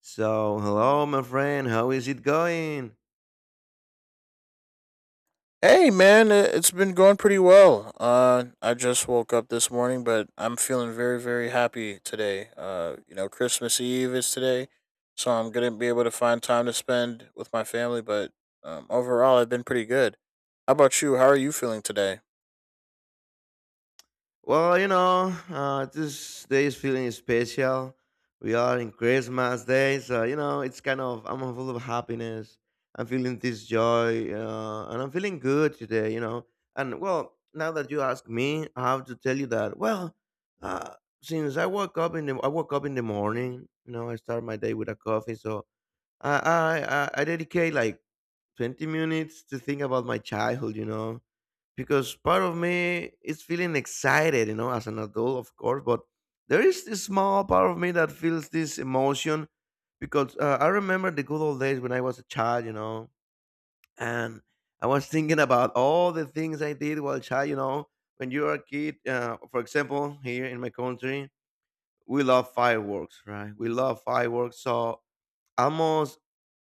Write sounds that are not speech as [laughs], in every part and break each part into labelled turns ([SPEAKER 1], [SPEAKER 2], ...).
[SPEAKER 1] So, hello, my friend. How is it going?
[SPEAKER 2] Hey man, it's been going pretty well. I just woke up this morning, but I'm feeling very, very happy today. Christmas Eve is today, so I'm gonna be able to find time to spend with my family. But overall, I've been pretty good. How about you? How are you feeling today?
[SPEAKER 1] Well, you know, this day is feeling special. We are in Christmas day, so you know, it's kind of I'm full of happiness. I'm feeling this joy, and I'm feeling good today. You know, and well, now that you ask me, I have to tell you that. Well, uh, since I woke up in the I woke up in the morning. You know, I start my day with a coffee, so I dedicate like 20 minutes to think about my childhood, you know, because part of me is feeling excited, you know, as an adult, of course, but there is this small part of me that feels this emotion because I remember the good old days when I was a child, you know, and I was thinking about all the things I did while child, you know, when you're a kid, for example, here in my country, we love fireworks, right? We love fireworks. So almost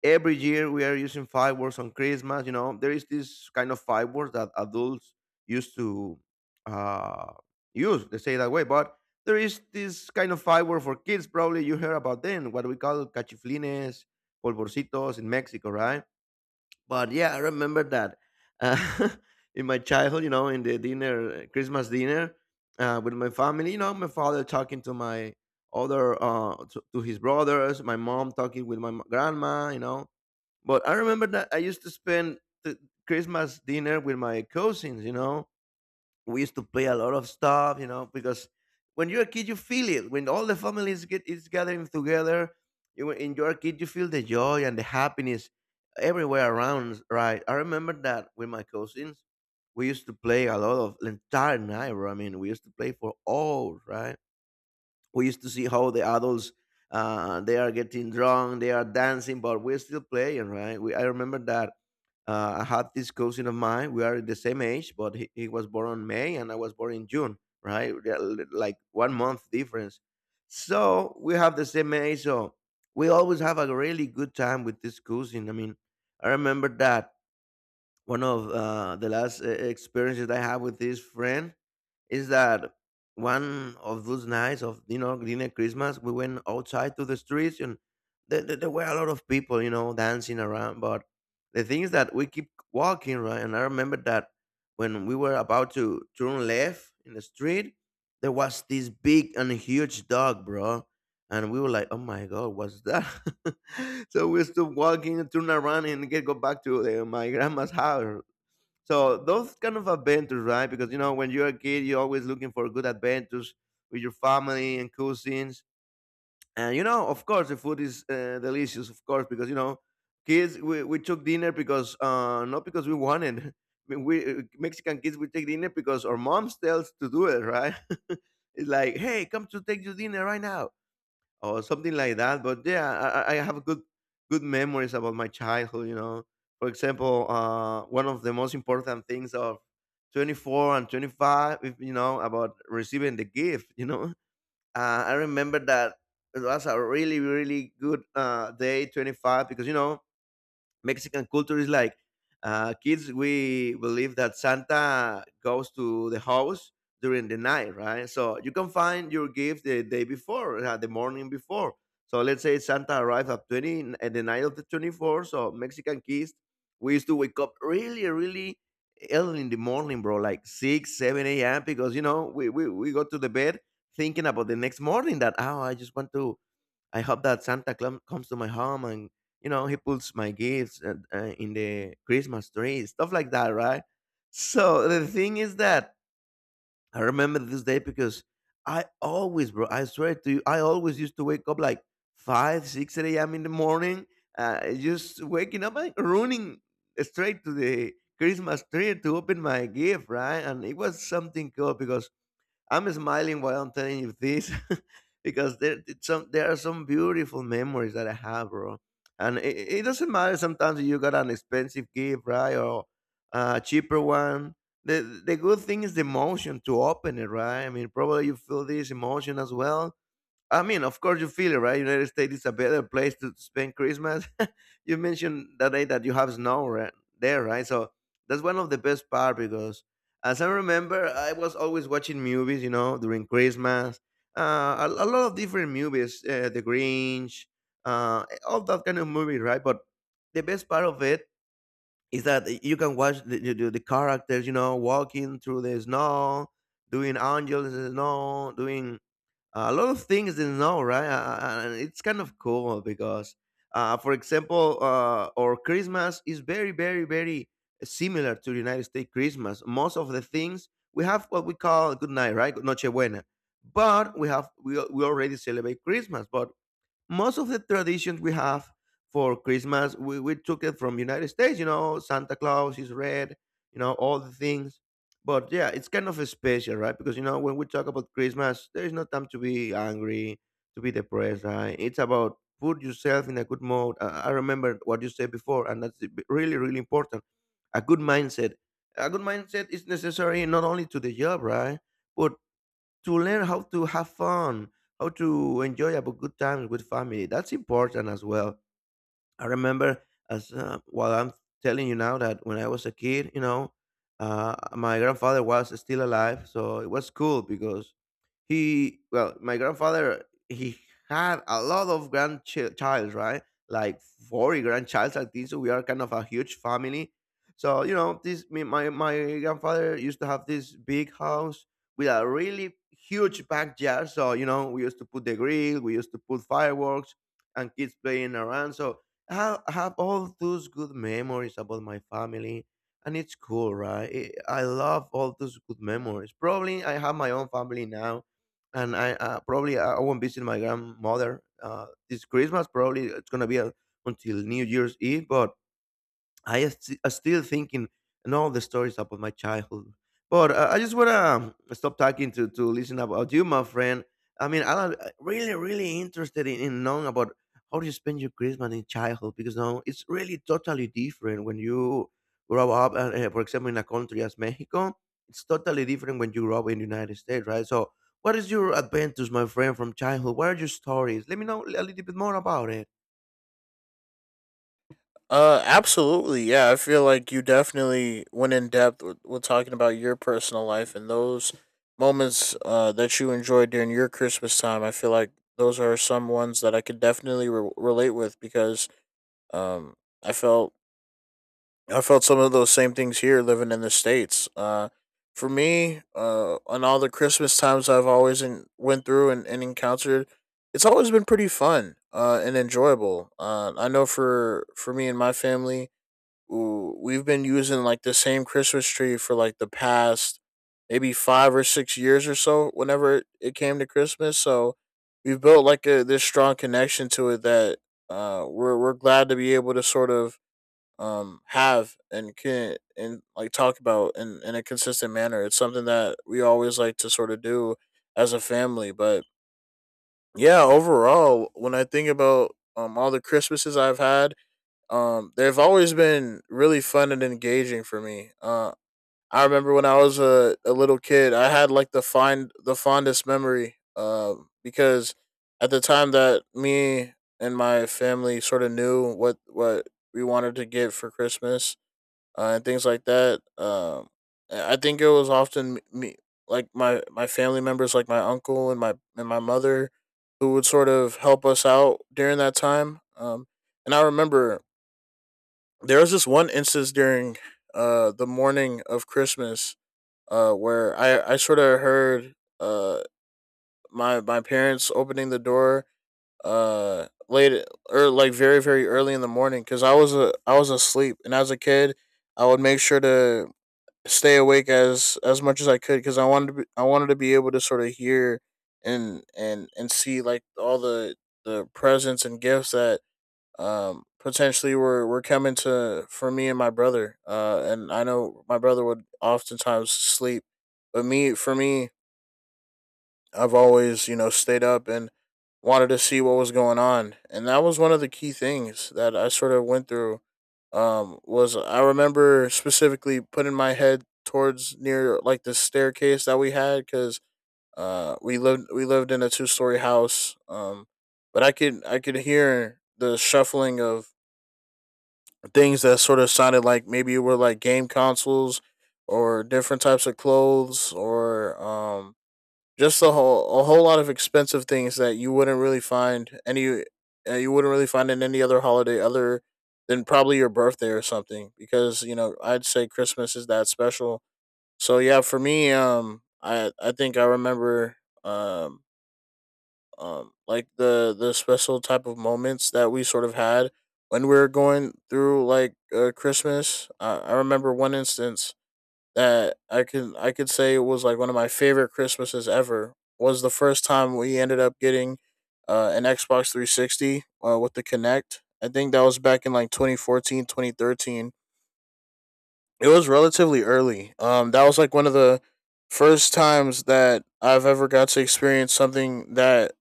[SPEAKER 1] every year we are using fireworks on Christmas. You know, there is this kind of fireworks that adults used to uh, use. They say that way, but there is this kind of firework for kids. Probably you heard about them. What we call cachiflines, polvorcitos in Mexico, right? But yeah, I remember that uh, [laughs] in my childhood. You know, in the dinner, Christmas dinner with my family. You know, my father talking to my other to his brothers, my mom talking with my grandma, you know, but I remember that I used to spend the Christmas dinner with my cousins, you know. We used to play a lot of stuff, you know, because when you're a kid you feel it. When all the families get is gathering together, you when you're a kid you feel the joy and the happiness everywhere around, right? I remember that with my cousins. We used to play a lot of the entire night, bro. I mean, we used to play for hours, right? We used to see how the adults they are getting drunk, they are dancing, but we're still playing, right? I remember that I had this cousin of mine. We are the same age, but he was born on May and I was born in June, right? Like 1 month difference. So we have the same age. So we always have a really good time with this cousin. I mean, I remember that one of the last experiences I had with this friend is that one of those nights of, you know, dinner Christmas, we went outside to the streets and there were a lot of people, you know, dancing around. But the thing is that we keep walking, right? And I remember that when we were about to turn left in the street, there was this big and huge dog, bro. And we were like, oh my god, what's that? [laughs] So we stopped walking, turned around, and get go back to my grandma's house. So those kind of adventures, right? Because you know, when you're a kid, you're always looking for good adventures with your family and cousins. And you know, of course, the food is delicious, of course, because you know, kids we took dinner because not because we wanted. [laughs] I mean, we Mexican kids we take dinner because our moms tells to do it, right? [laughs] It's like, hey, come to take your dinner right now or something like that. But yeah, I have good memories about my childhood. You know, for example, one of the most important things of 24 and 25, if you know, about receiving the gift. [laughs] You know, I remember that it was a really really good day 25, because you know Mexican culture is like kids. We believe that Santa goes to the house during the night, right? So you can find your gift the day before, the morning before. So let's say Santa arrived at at the night of the 24th. So Mexican kids, we used to wake up really, really early in the morning, bro, like six, seven a.m. Because you know we go to the bed thinking about the next morning that oh I just want to I hope that Santa Claus comes to my home and you know he puts my gifts in the Christmas tree, stuff like that, right? So the thing is that I remember this day because I always, bro, I swear to you, I always used to wake up like five, six a.m. in the morning, just waking up and running straight to the Christmas tree to open my gift, right? And it was something cool because I'm smiling while I'm telling you this [laughs] because there are some beautiful memories that I have, bro. And it doesn't matter sometimes if you got an expensive gift, right, or a cheaper one. The good thing is the emotion to open it, right? I mean, probably you feel this emotion as well, I mean, of course, you feel it, right? United States is a better place to spend Christmas. [laughs] You mentioned that day that you have snow, right, there, right? So that's one of the best part because, as I remember, I was always watching movies, you know, during Christmas. A lot of different movies, The Grinch, all that kind of movie, right? But the best part of it is that you can watch the characters, you know, walking through the snow, doing angels in the snow, doing a lot of things they know, right? And it's kind of cool because, for example, our Christmas is very, very, very similar to the United States Christmas. Most of the things we have what we call good night, right? Noche buena. But we have we, al- we already celebrate Christmas, but most of the traditions we have for Christmas, we took it from United States, you know, Santa Claus is red, you know, all the things. But yeah, it's kind of special, right? Because you know, when we talk about Christmas, there is no time to be angry, to be depressed, right? It's about put yourself in a good mode. I remember what you said before, and that's really, really important. A good mindset. A good mindset is necessary not only to the job, right? But to learn how to have fun, how to enjoy about good times with family. That's important as well. I remember as while I'm telling you now that when I was a kid, you know, my grandfather was still alive, so it was cool because he, well, my grandfather he had a lot of grandchilds, right? Like 40 grandchilds like this. So we are kind of a huge family. So you know, my grandfather used to have this big house with a really huge backyard. So you know, we used to put the grill, we used to put fireworks, and kids playing around. So I have all those good memories about my family, and it's cool, right? It, I love all those good memories. Probably I have my own family now, and I probably I won't visit my grandmother this Christmas. Probably it's gonna be until New Year's Eve, but still thinking and all the stories about my childhood. But I just wanna stop talking to listen about you, my friend. I mean, I'm really really interested in knowing about how you spend your Christmas in childhood because now it's really totally different when you grow up. For example, in a country as Mexico, it's totally different when you grow up in the United States, right? So, what is your adventures, my friend, from childhood? What are your stories? Let me know a little bit more about it.
[SPEAKER 2] Absolutely. Yeah, I feel like you definitely went in depth with talking about your personal life and those moments that you enjoyed during your Christmas time. I feel like those are some ones that I could definitely relate with because um, I felt I felt some of those same things here living in the states. For me, on all the Christmas times I've went through and encountered, it's always been pretty fun and enjoyable. I know for me and my family ooh, we've been using like the same Christmas tree for like the past maybe 5 or 6 years or so. Whenever it came to Christmas, so we've built like a this strong connection to it that we're glad to be able to sort of have and can and like talk about in a consistent manner. It's something that we always like to sort of do as a family, but yeah, overall, when I think about all the Christmases I've had they've always been really fun and engaging for me. I remember when I was a little kid, I had like the fondest memory. Because at the time that me and my family sort of knew what we wanted to get for Christmas and things like that. I think it was often me like my family members, like my uncle and my mother, who would sort of help us out during that time. And I remember there was this one instance during the morning of Christmas where I sort of heard uh my parents opening the door late or like very, very early in the morning because I was asleep, and as a kid I would make sure to stay awake as much as I could because I wanted to be able to sort of hear and see like all the presents and gifts that potentially we're coming to for me and my brother. And I know my brother would oftentimes sleep, but me for me, I've always, you know, stayed up and wanted to see what was going on, and that was one of the key things that I sort of went through. Was I remember specifically putting my head towards near like the staircase that we had because we lived in a two-story house. But I could hear the shuffling of things that sort of sounded like maybe it were like game consoles or different types of clothes, or just a whole lot of expensive things that you wouldn't really find in any other holiday other than probably your birthday or something, because you know, I'd say Christmas is that special. So yeah, for me, I think I remember um like the special type of moments that we sort of had when we were going through like christmas. I remember one instance that I could say it was like one of my favorite christmases ever, was the first time we ended up getting an xbox 360 with the Kinect. I think that was back in like 2014 2013. It was relatively early. That was like one of the first times that I've ever got to experience something that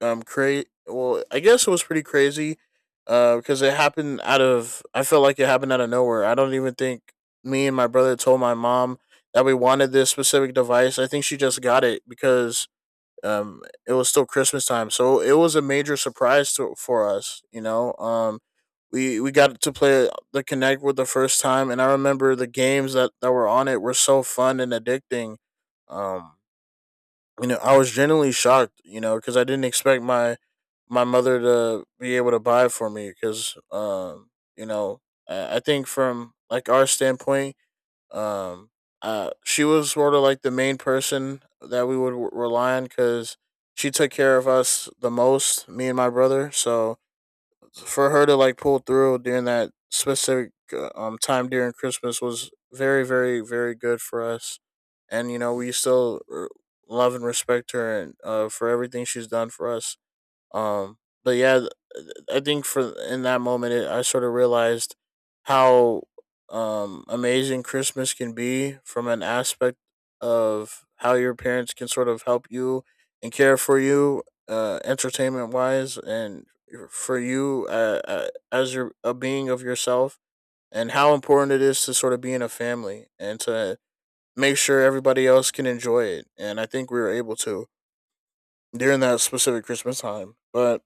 [SPEAKER 2] cra well I guess it was pretty crazy because it happened out of I felt like it happened out of nowhere. I don't even think me and my brother told my mom that we wanted this specific device. I think she just got it because um it was still christmas time, so it was a major surprise for us, you know. We got to play the connect with the first time, and I remember the games that were on it were so fun and addicting. um you know, I was genuinely shocked, you know, because I didn't expect my mother to be able to buy for me. Because you know I think from like our standpoint um she was sort of like the main person that we would rely on because she took care of us the most, me and my brother. So for her to like pull through during that specific time during Christmas was very, very, very good for us. And you know, we still love and respect her and for everything she's done for us. um but yeah, I think for in that moment, I sort of realized how amazing Christmas can be from an aspect of how your parents can sort of help you and care for you, entertainment wise, and for you as your a being of yourself, and how important it is to sort of be in a family and to make sure everybody else can enjoy it. And I think we were able to during that specific Christmas time. But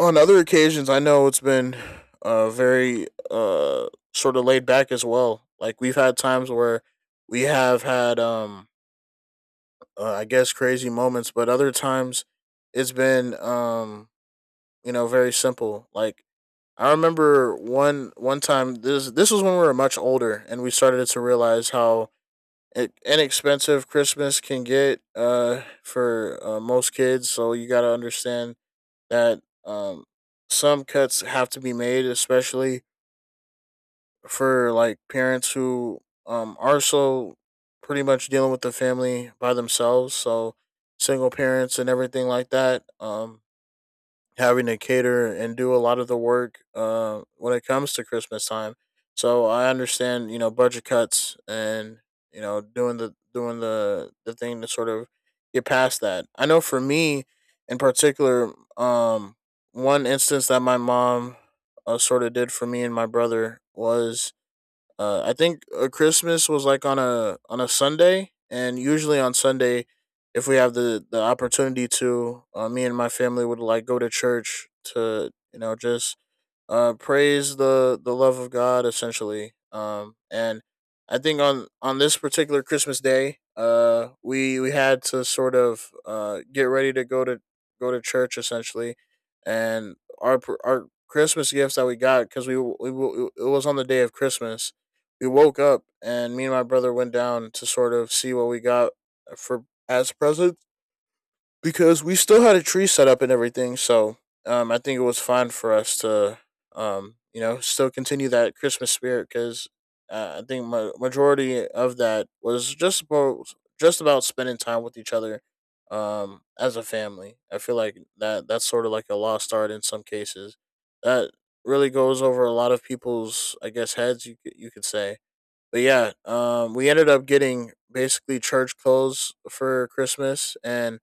[SPEAKER 2] on other occasions, I know it's been very sort of laid back as well. Like we've had times where we have had, I guess, crazy moments, but other times it's been, you know, very simple. Like I remember one time, this was when we were much older and we started to realize how inexpensive Christmas can get for most kids. So you got to understand that some cuts have to be made, especially for like parents who are so pretty much dealing with the family by themselves. So single parents and everything like that. Having to cater and do a lot of the work when it comes to Christmas time. So I understand, you know, budget cuts and you know doing the thing to sort of get past that. I know for me in particular, one instance that my mom sort of did for me and my brother was I think Christmas was like on a Sunday, and usually on Sunday, if we have the opportunity to, me and my family would like go to church to you know just praise the love of God essentially. And I think on this particular Christmas day, we had to sort of get ready to go to church essentially. And our Christmas gifts that we got, cuz it was on the day of Christmas. We woke up and me and my brother went down to sort of see what we got for as presents, because we still had a tree set up and everything. So I think it was fine for us to, you know, still continue that Christmas spirit, because I think majority of that was just about spending time with each other as a family. I feel like that's sort of like a lost art in some cases. That really goes over a lot of people's, I guess, heads. You could say. But yeah, we ended up getting basically church clothes for Christmas, and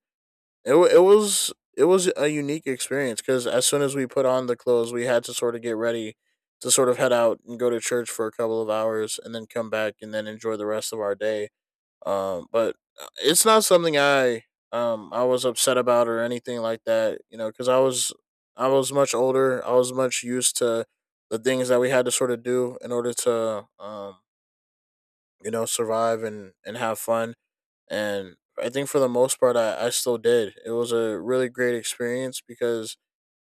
[SPEAKER 2] it was a unique experience because as soon as we put on the clothes, we had to sort of get ready to sort of head out and go to church for a couple of hours, and then come back and then enjoy the rest of our day. But it's not something I was upset about or anything like that. You know, because I was much older. I was much used to the things that we had to sort of do in order to you know survive and have fun. And I think for the most part, I still did. It was a really great experience because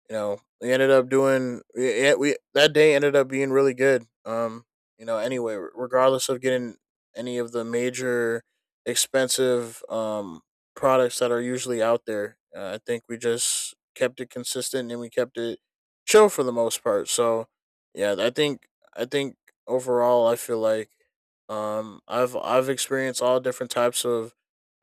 [SPEAKER 2] you know, we ended up doing we- yeah, we that day ended up being really good. You know, anyway, regardless of getting any of the major expensive products that are usually out there, I think we just kept it consistent and we kept it chill for the most part. So, yeah, I think overall I feel like I've experienced all different types of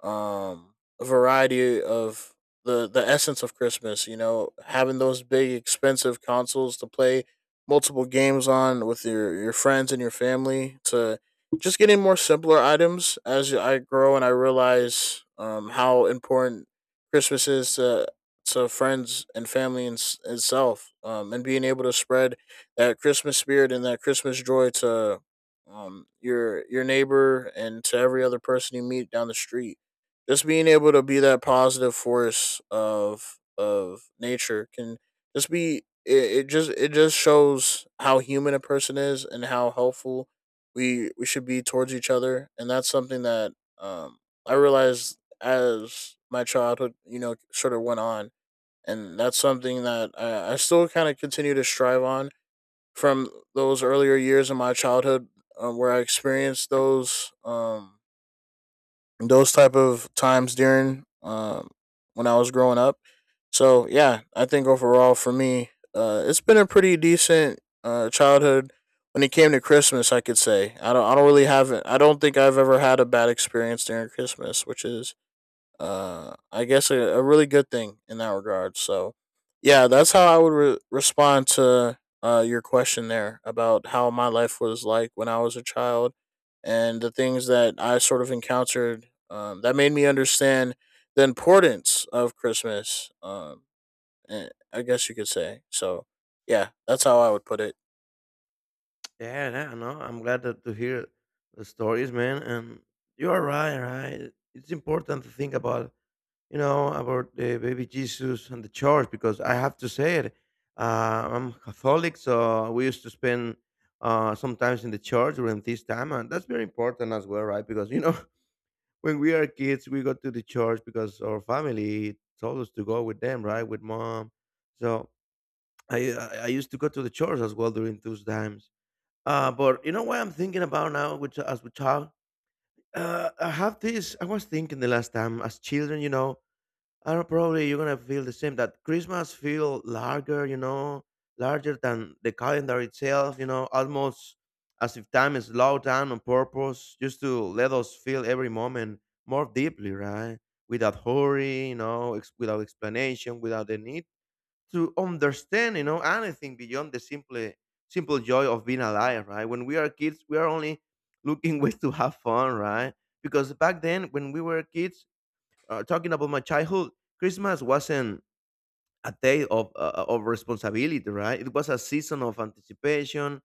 [SPEAKER 2] um variety of the essence of Christmas. You know, having those big expensive consoles to play multiple games on with your friends and your family. To just getting more simpler items as I grow and I realize, how important Christmas is to friends and family and itself, and being able to spread that Christmas spirit and that Christmas joy to, your neighbor and to every other person you meet down the street, just being able to be that positive force of nature can just be it just it just shows how human a person is and how helpful we should be towards each other. And that's something that I realized as my childhood, you know, sort of went on. And that's something that I still kind of continue to strive on from those earlier years in my childhood, where I experienced those type of times during, when I was growing up. So yeah, I think overall for me, it's been a pretty decent childhood. When it came to Christmas, I could say I don't. I don't really have it. I don't think I've ever had a bad experience during Christmas, which is, I guess a really good thing in that regard. So, yeah, that's how I would respond to, your question there about how my life was like when I was a child and the things that I sort of encountered, that made me understand the importance of Christmas. I guess you could say. So, yeah, that's how I would put it.
[SPEAKER 1] Yeah, yeah, no, I'm glad that to hear the stories, man. And you are right, right? It's important to think about, you know, about the baby Jesus and the church because I have to say it. I'm Catholic, so we used to spend sometimes in the church during this time, and that's very important as well, right? Because you know, [laughs] when we are kids, we go to the church because our family told us to go with them, right, with mom. So I used to go to the church as well during those times but you know what I'm thinking about now, which as we talk, I have this. I was thinking the last time as children, you know, I don't probably you're gonna feel the same. That Christmas feel larger, you know, larger than the calendar itself. You know, almost as if time is slowed down on purpose, just to let us feel every moment more deeply, right? Without hurry, without explanation, without the need to understand, you know, anything beyond the simple simple joy of being alive, right? When we are kids, we are only looking [laughs] ways to have fun, right? Because back then, when we were kids, talking about my childhood, Christmas wasn't a day of of responsibility, right? It was a season of anticipation,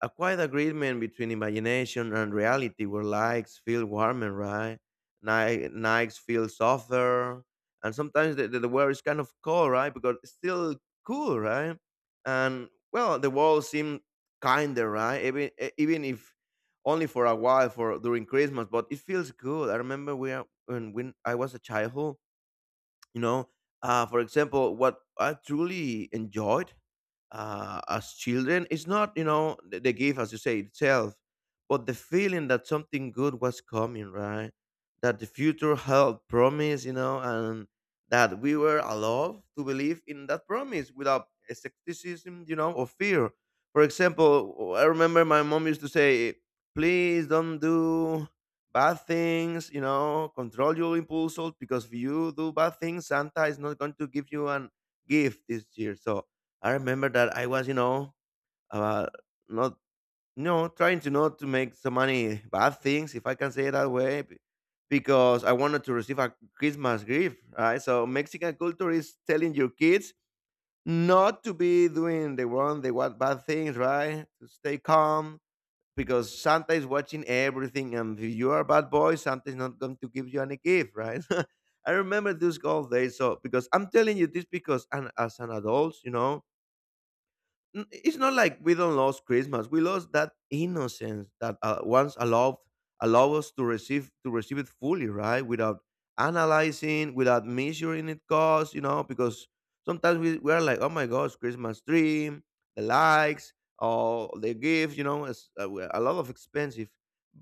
[SPEAKER 1] a quiet agreement between imagination and reality where likes feel warmer, right? Nikes feel softer. And sometimes the weather is kind of cold, right? Because it's still cool, right? And well, the world seemed kinder, right? Even if only for a while for during Christmas, but it feels good. I remember we are, when I was a childhood, you know. For example, what I truly enjoyed as children it's not you know the gift as you say itself but the feeling that something good was coming, right? That the future held promise, you know, and that we were allowed to believe in that promise without skepticism, you know, or fear. For example, I remember my mom used to say, please don't do bad things, you know, control your impulses, because if you do bad things Santa is not going to give you an gift this year. So I remember that I was, you know, uh, not, you know, trying to not to make so many bad things, if I can say it that way, because I wanted to receive a Christmas gift, right? So Mexican culture is telling your kids not to be doing the wrong, the what bad things, right? To stay calm, because Santa is watching everything, and if you are a bad boy, Santa is not going to give you any gift, right? [laughs] I remember those gold days. So because I'm telling you this because, and as an adult, you know, It's not like we don't lost Christmas. We lost that innocence that once allow us to receive it fully, right? Without analyzing, without measuring it cost, you know, because sometimes we are like, oh my gosh, Christmas tree, the likes, or the gift, you know, it's a lot of expensive.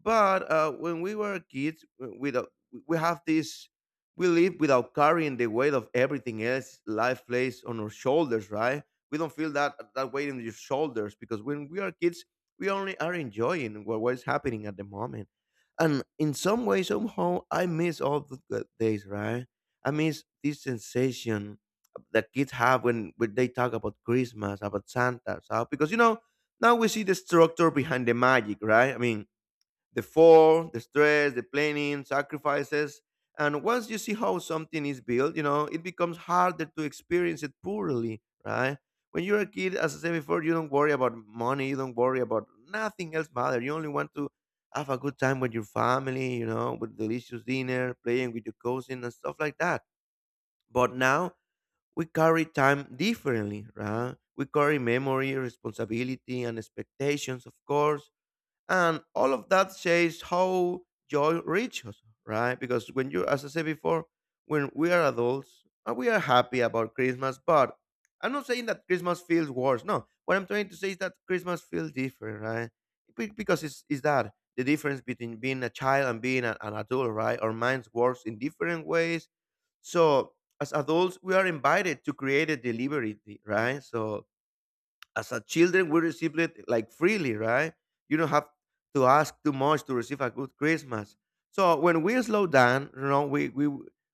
[SPEAKER 1] But when we were kids, without we have this we live without carrying the weight of everything else life plays on our shoulders, right? We don't feel that that weight in your shoulders, because when we are kids we only are enjoying what is happening at the moment, and in some way somehow I miss all the good days, right? I miss this sensation that kids have when they talk about Christmas about Santa. So, because you know now we see the structure behind the magic, right? I mean the fall, the stress, the planning, sacrifices. And once you see how something is built, you know, it becomes harder to experience it poorly, right? When you're a kid, as I said before, you don't worry about money, you don't worry about nothing else matter. You only want to have a good time with your family, you know, with delicious dinner, playing with your cousin and stuff like that. But now we carry time differently, right? We carry memory, responsibility, and expectations, of course, and all of that says how joy reaches, right? Because when you, as I said before, when we are adults we are happy about Christmas, but I'm not saying that Christmas feels worse. No, what I'm trying to say is that Christmas feels different, right? Because it's that the difference between being a child and being an adult, right? Our minds works in different ways. So as adults we are invited to create a delivery, right? So as a children, we receive it like freely, right? You don't have to ask too much to receive a good Christmas. So when we slow down, you know, we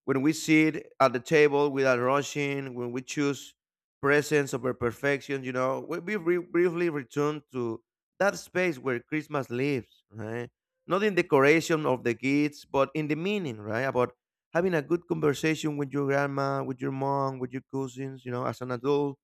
[SPEAKER 1] when we sit at the table without rushing, when we choose presence over perfection, you know, briefly return to that space where Christmas lives, right? Not in decoration of the gifts, but in the meaning, right? About having a good conversation with your grandma, with your mom, with your cousins, you know, as an adult.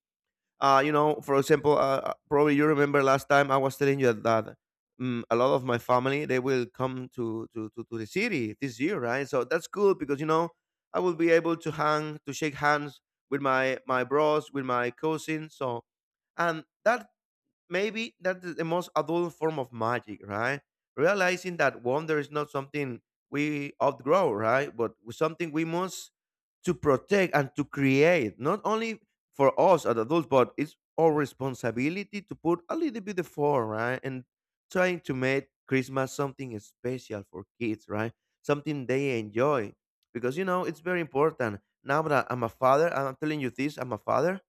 [SPEAKER 1] For example, probably you remember last time I was telling you that a lot of my family they will come to, to the city this year, right? So that's cool because you know I will be able to hang to shake hands with my bros, with my cousins. So and that maybe that's the most adult form of magic, right? Realizing that wonder is not something we outgrow, right? But something we must to protect and to create, not only for us as adults, but it's our responsibility to put a little bit effort, right? And trying to make Christmas something special for kids, right? Something they enjoy. Because, you know, it's very important. Now that I'm a father, I'm telling you this, I'm a father,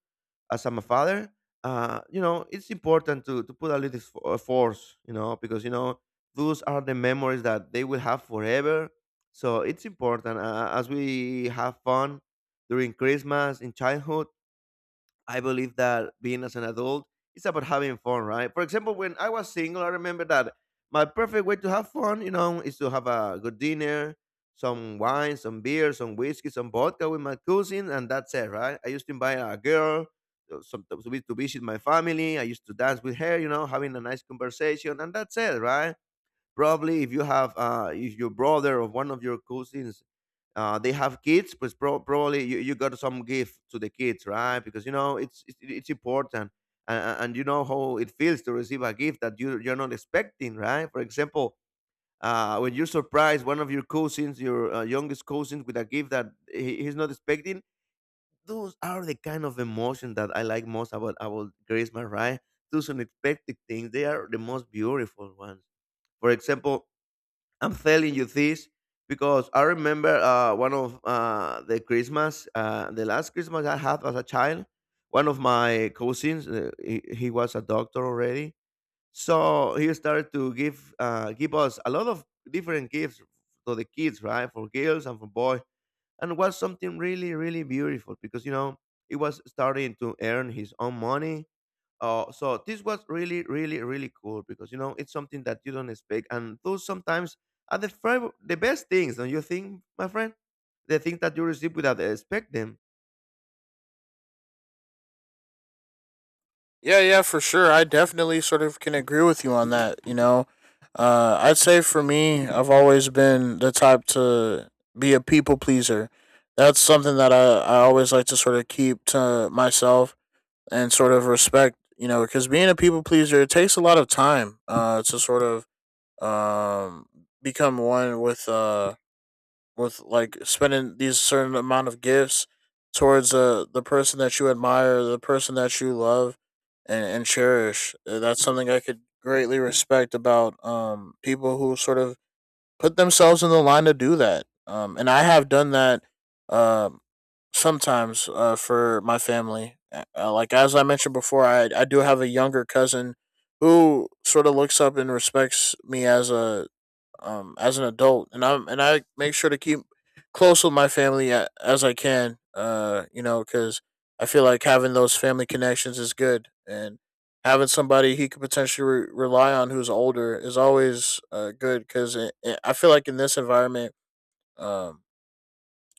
[SPEAKER 1] as I'm a father, you know, it's important to put a little force, you know, because you know those are the memories that they will have forever. So it's important as we have fun during Christmas in childhood. I believe that being as an adult, it's about having fun, right? For example, when I was single, I remember that my perfect way to have fun, you know, is to have a good dinner, some wine, some beer, some whiskey, some vodka with my cousin, and that's it, right? I used to invite a girl sometimes to visit my family. I used to dance with her, you know, having a nice conversation, and that's it, right? Probably if you have, if your brother or one of your cousins they have kids, but probably you got some gift to the kids, right? Because you know it's important, and you know how it feels to receive a gift that you're not expecting, right? For example, when you surprise one of your cousins, your youngest cousins, with a gift that he's not expecting, those are the kind of emotion that I like most about Christmas, right? Those unexpected things, they are the most beautiful ones. For example, I'm telling you this because I remember one of the Christmas, the last Christmas I had as a child. One of my cousins, he was a doctor already, so he started to give give us a lot of different gifts to the kids, right, for girls and for boys, and it was something really, really beautiful because you know he was starting to earn his own money. So this was really, really, really cool because you know it's something that you don't expect, and those sometimes are the the best things. Don't you think, my friend? The things that you receive without expect them.
[SPEAKER 2] Yeah, yeah, for sure. I definitely sort of can agree with you on that. You know, I'd say for me, I've always been the type to be a people pleaser. That's something that I always like to sort of keep to myself and sort of respect, you know, because being a people pleaser, it takes a lot of time to sort of, um, become one with. With like spending these certain amount of gifts towards the person that you admire, the person that you love and cherish. That's something I could greatly respect about people who sort of put themselves in the line to do that. And I have done that, um sometimes for my family. Like as I mentioned before, I do have a younger cousin who sort of looks up and respects me as a, as an adult. And I make sure to keep close with my family as I can. You know, because I feel like having those family connections is good, and having somebody he could potentially rely on who's older is always good, because I feel like in this environment, um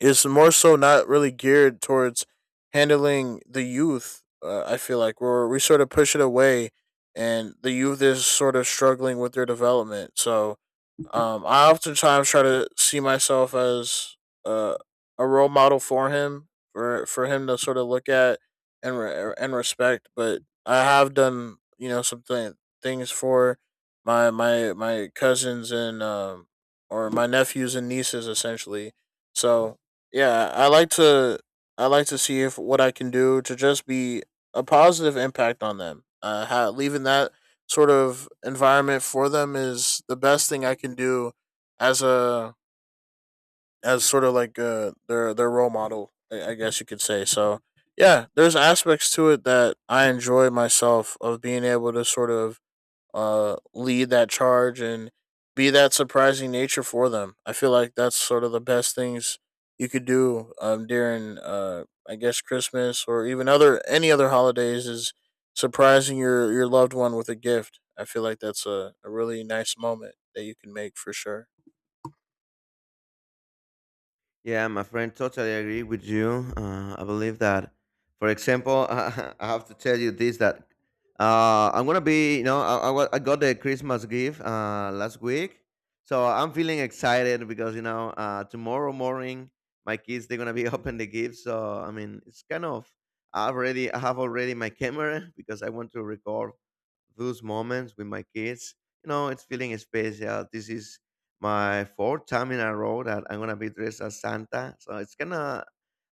[SPEAKER 2] it's more so not really geared towards handling the youth. I feel like where we sort of push it away and the youth is sort of struggling with their development. So, I oftentimes try to see myself as, uh, a role model for him to sort of look at and and respect. But I have done, you know, some things for my cousins, and or my nephews and nieces essentially. So yeah, I like to see if what I can do to just be a positive impact on them. Leaving that sort of environment for them is the best thing I can do as a as sort of like, their role model, I guess you could say. So yeah, there's aspects to it that I enjoy myself of being able to sort of, lead that charge and be that surprising nature for them. I feel like that's sort of the best things you could do, during, I guess, Christmas or even other any other holidays, is surprising your loved one with a gift. I feel like that's a really nice moment that you can make for sure.
[SPEAKER 1] Yeah, my friend, totally agree with you. I believe that, for example, [laughs] I have to tell you this that I'm gonna be, you know, I got the Christmas gift last week, so I'm feeling excited because you know tomorrow morning my kids they're gonna be [laughs] open the gift. So I mean, it's kind of I have already my camera [laughs] because I want to record those moments with my kids. You know, it's feeling special. This is my fourth time in a row that I'm gonna be dressed as Santa. So it's gonna,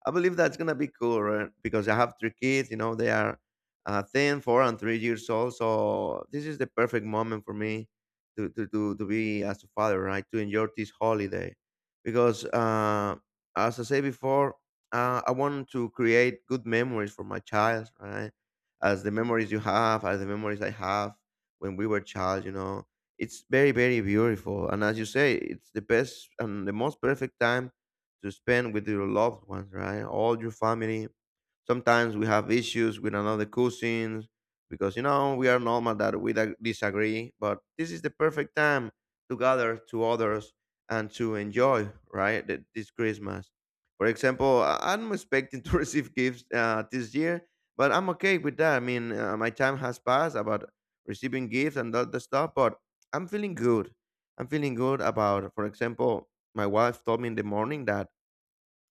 [SPEAKER 1] I believe that's gonna be cool, right? Because I have three kids. You know, they are 10, 4, and 3 years old. So this is the perfect moment for me to be as a father, right? To enjoy this holiday, because as I say before, I want to create good memories for my child, right? As the memories you have, as the memories I have when we were child, you know it's very, very beautiful. And as you say, it's the best and the most perfect time to spend with your loved ones, right? All your family. Sometimes we have issues with another cousins because, you know, we are normal that we disagree, but this is the perfect time to gather to others and to enjoy, right? This Christmas. For example, I'm expecting to [laughs] receive gifts this year, but I'm okay with that. I mean, my time has passed about receiving gifts and all the stuff, but I'm feeling good. I'm feeling good about, for example, my wife told me in the morning that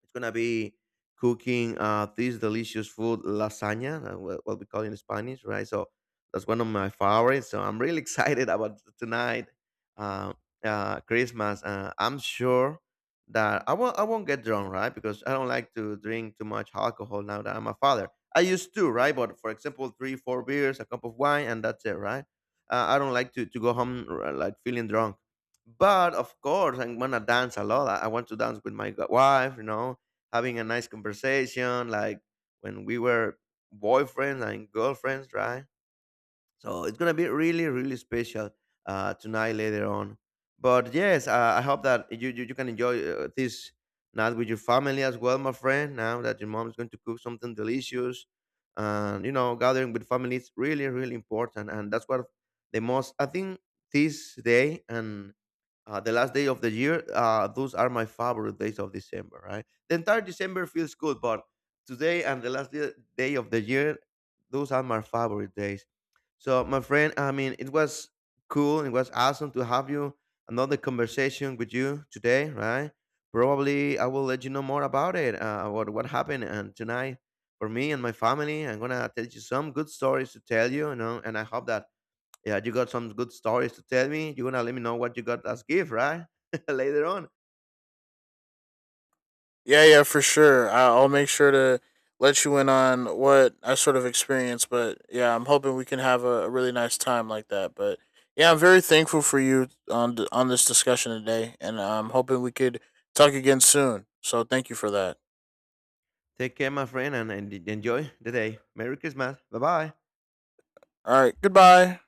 [SPEAKER 1] it's gonna be cooking this delicious food, lasagna, what we call it in Spanish, right? So that's one of my favorites. So I'm really [laughs] excited about tonight, uh, Christmas. I'm sure that I won't get drunk, right? Because I don't like to drink too much alcohol now that I'm a father. I used to, right? But for example, three, four beers, a cup of wine, and that's it, right? I don't like to go home like feeling drunk. But of course, I'm gonna dance a lot. I want to dance with my wife, you know, having a nice conversation, like when we were boyfriends and girlfriends, right? So it's gonna be really, really special tonight later on. But yes, I hope that you can enjoy this night with your family as well, my friend. Now that your mom's going to cook something delicious, and you know, gathering with family is really, really important, and that's what the most I think this day and the last day of the year. Those are my favorite days of December, right? The entire December feels good, but today and the last day of the year, those are my favorite days. So, my friend, I mean, it was cool. It was awesome to have you another conversation with you today, right? Probably I will let you know more about it, about what happened and tonight for me and my family. I'm gonna tell you some good stories to tell you, you know, and I hope that yeah, you got some good stories to tell me. You're gonna let me know what you got as gift, right? [laughs] Later on.
[SPEAKER 2] Yeah, yeah, for sure. I'll make sure to let you in on what I sort of experienced, but yeah, I'm hoping we can have a really nice time like that. But yeah, I'm very thankful for you on on this discussion today, and I'm hoping we could talk again soon. So thank you for that.
[SPEAKER 1] Take care, my friend, and enjoy the day. Merry Christmas. Bye bye.
[SPEAKER 2] All right, goodbye.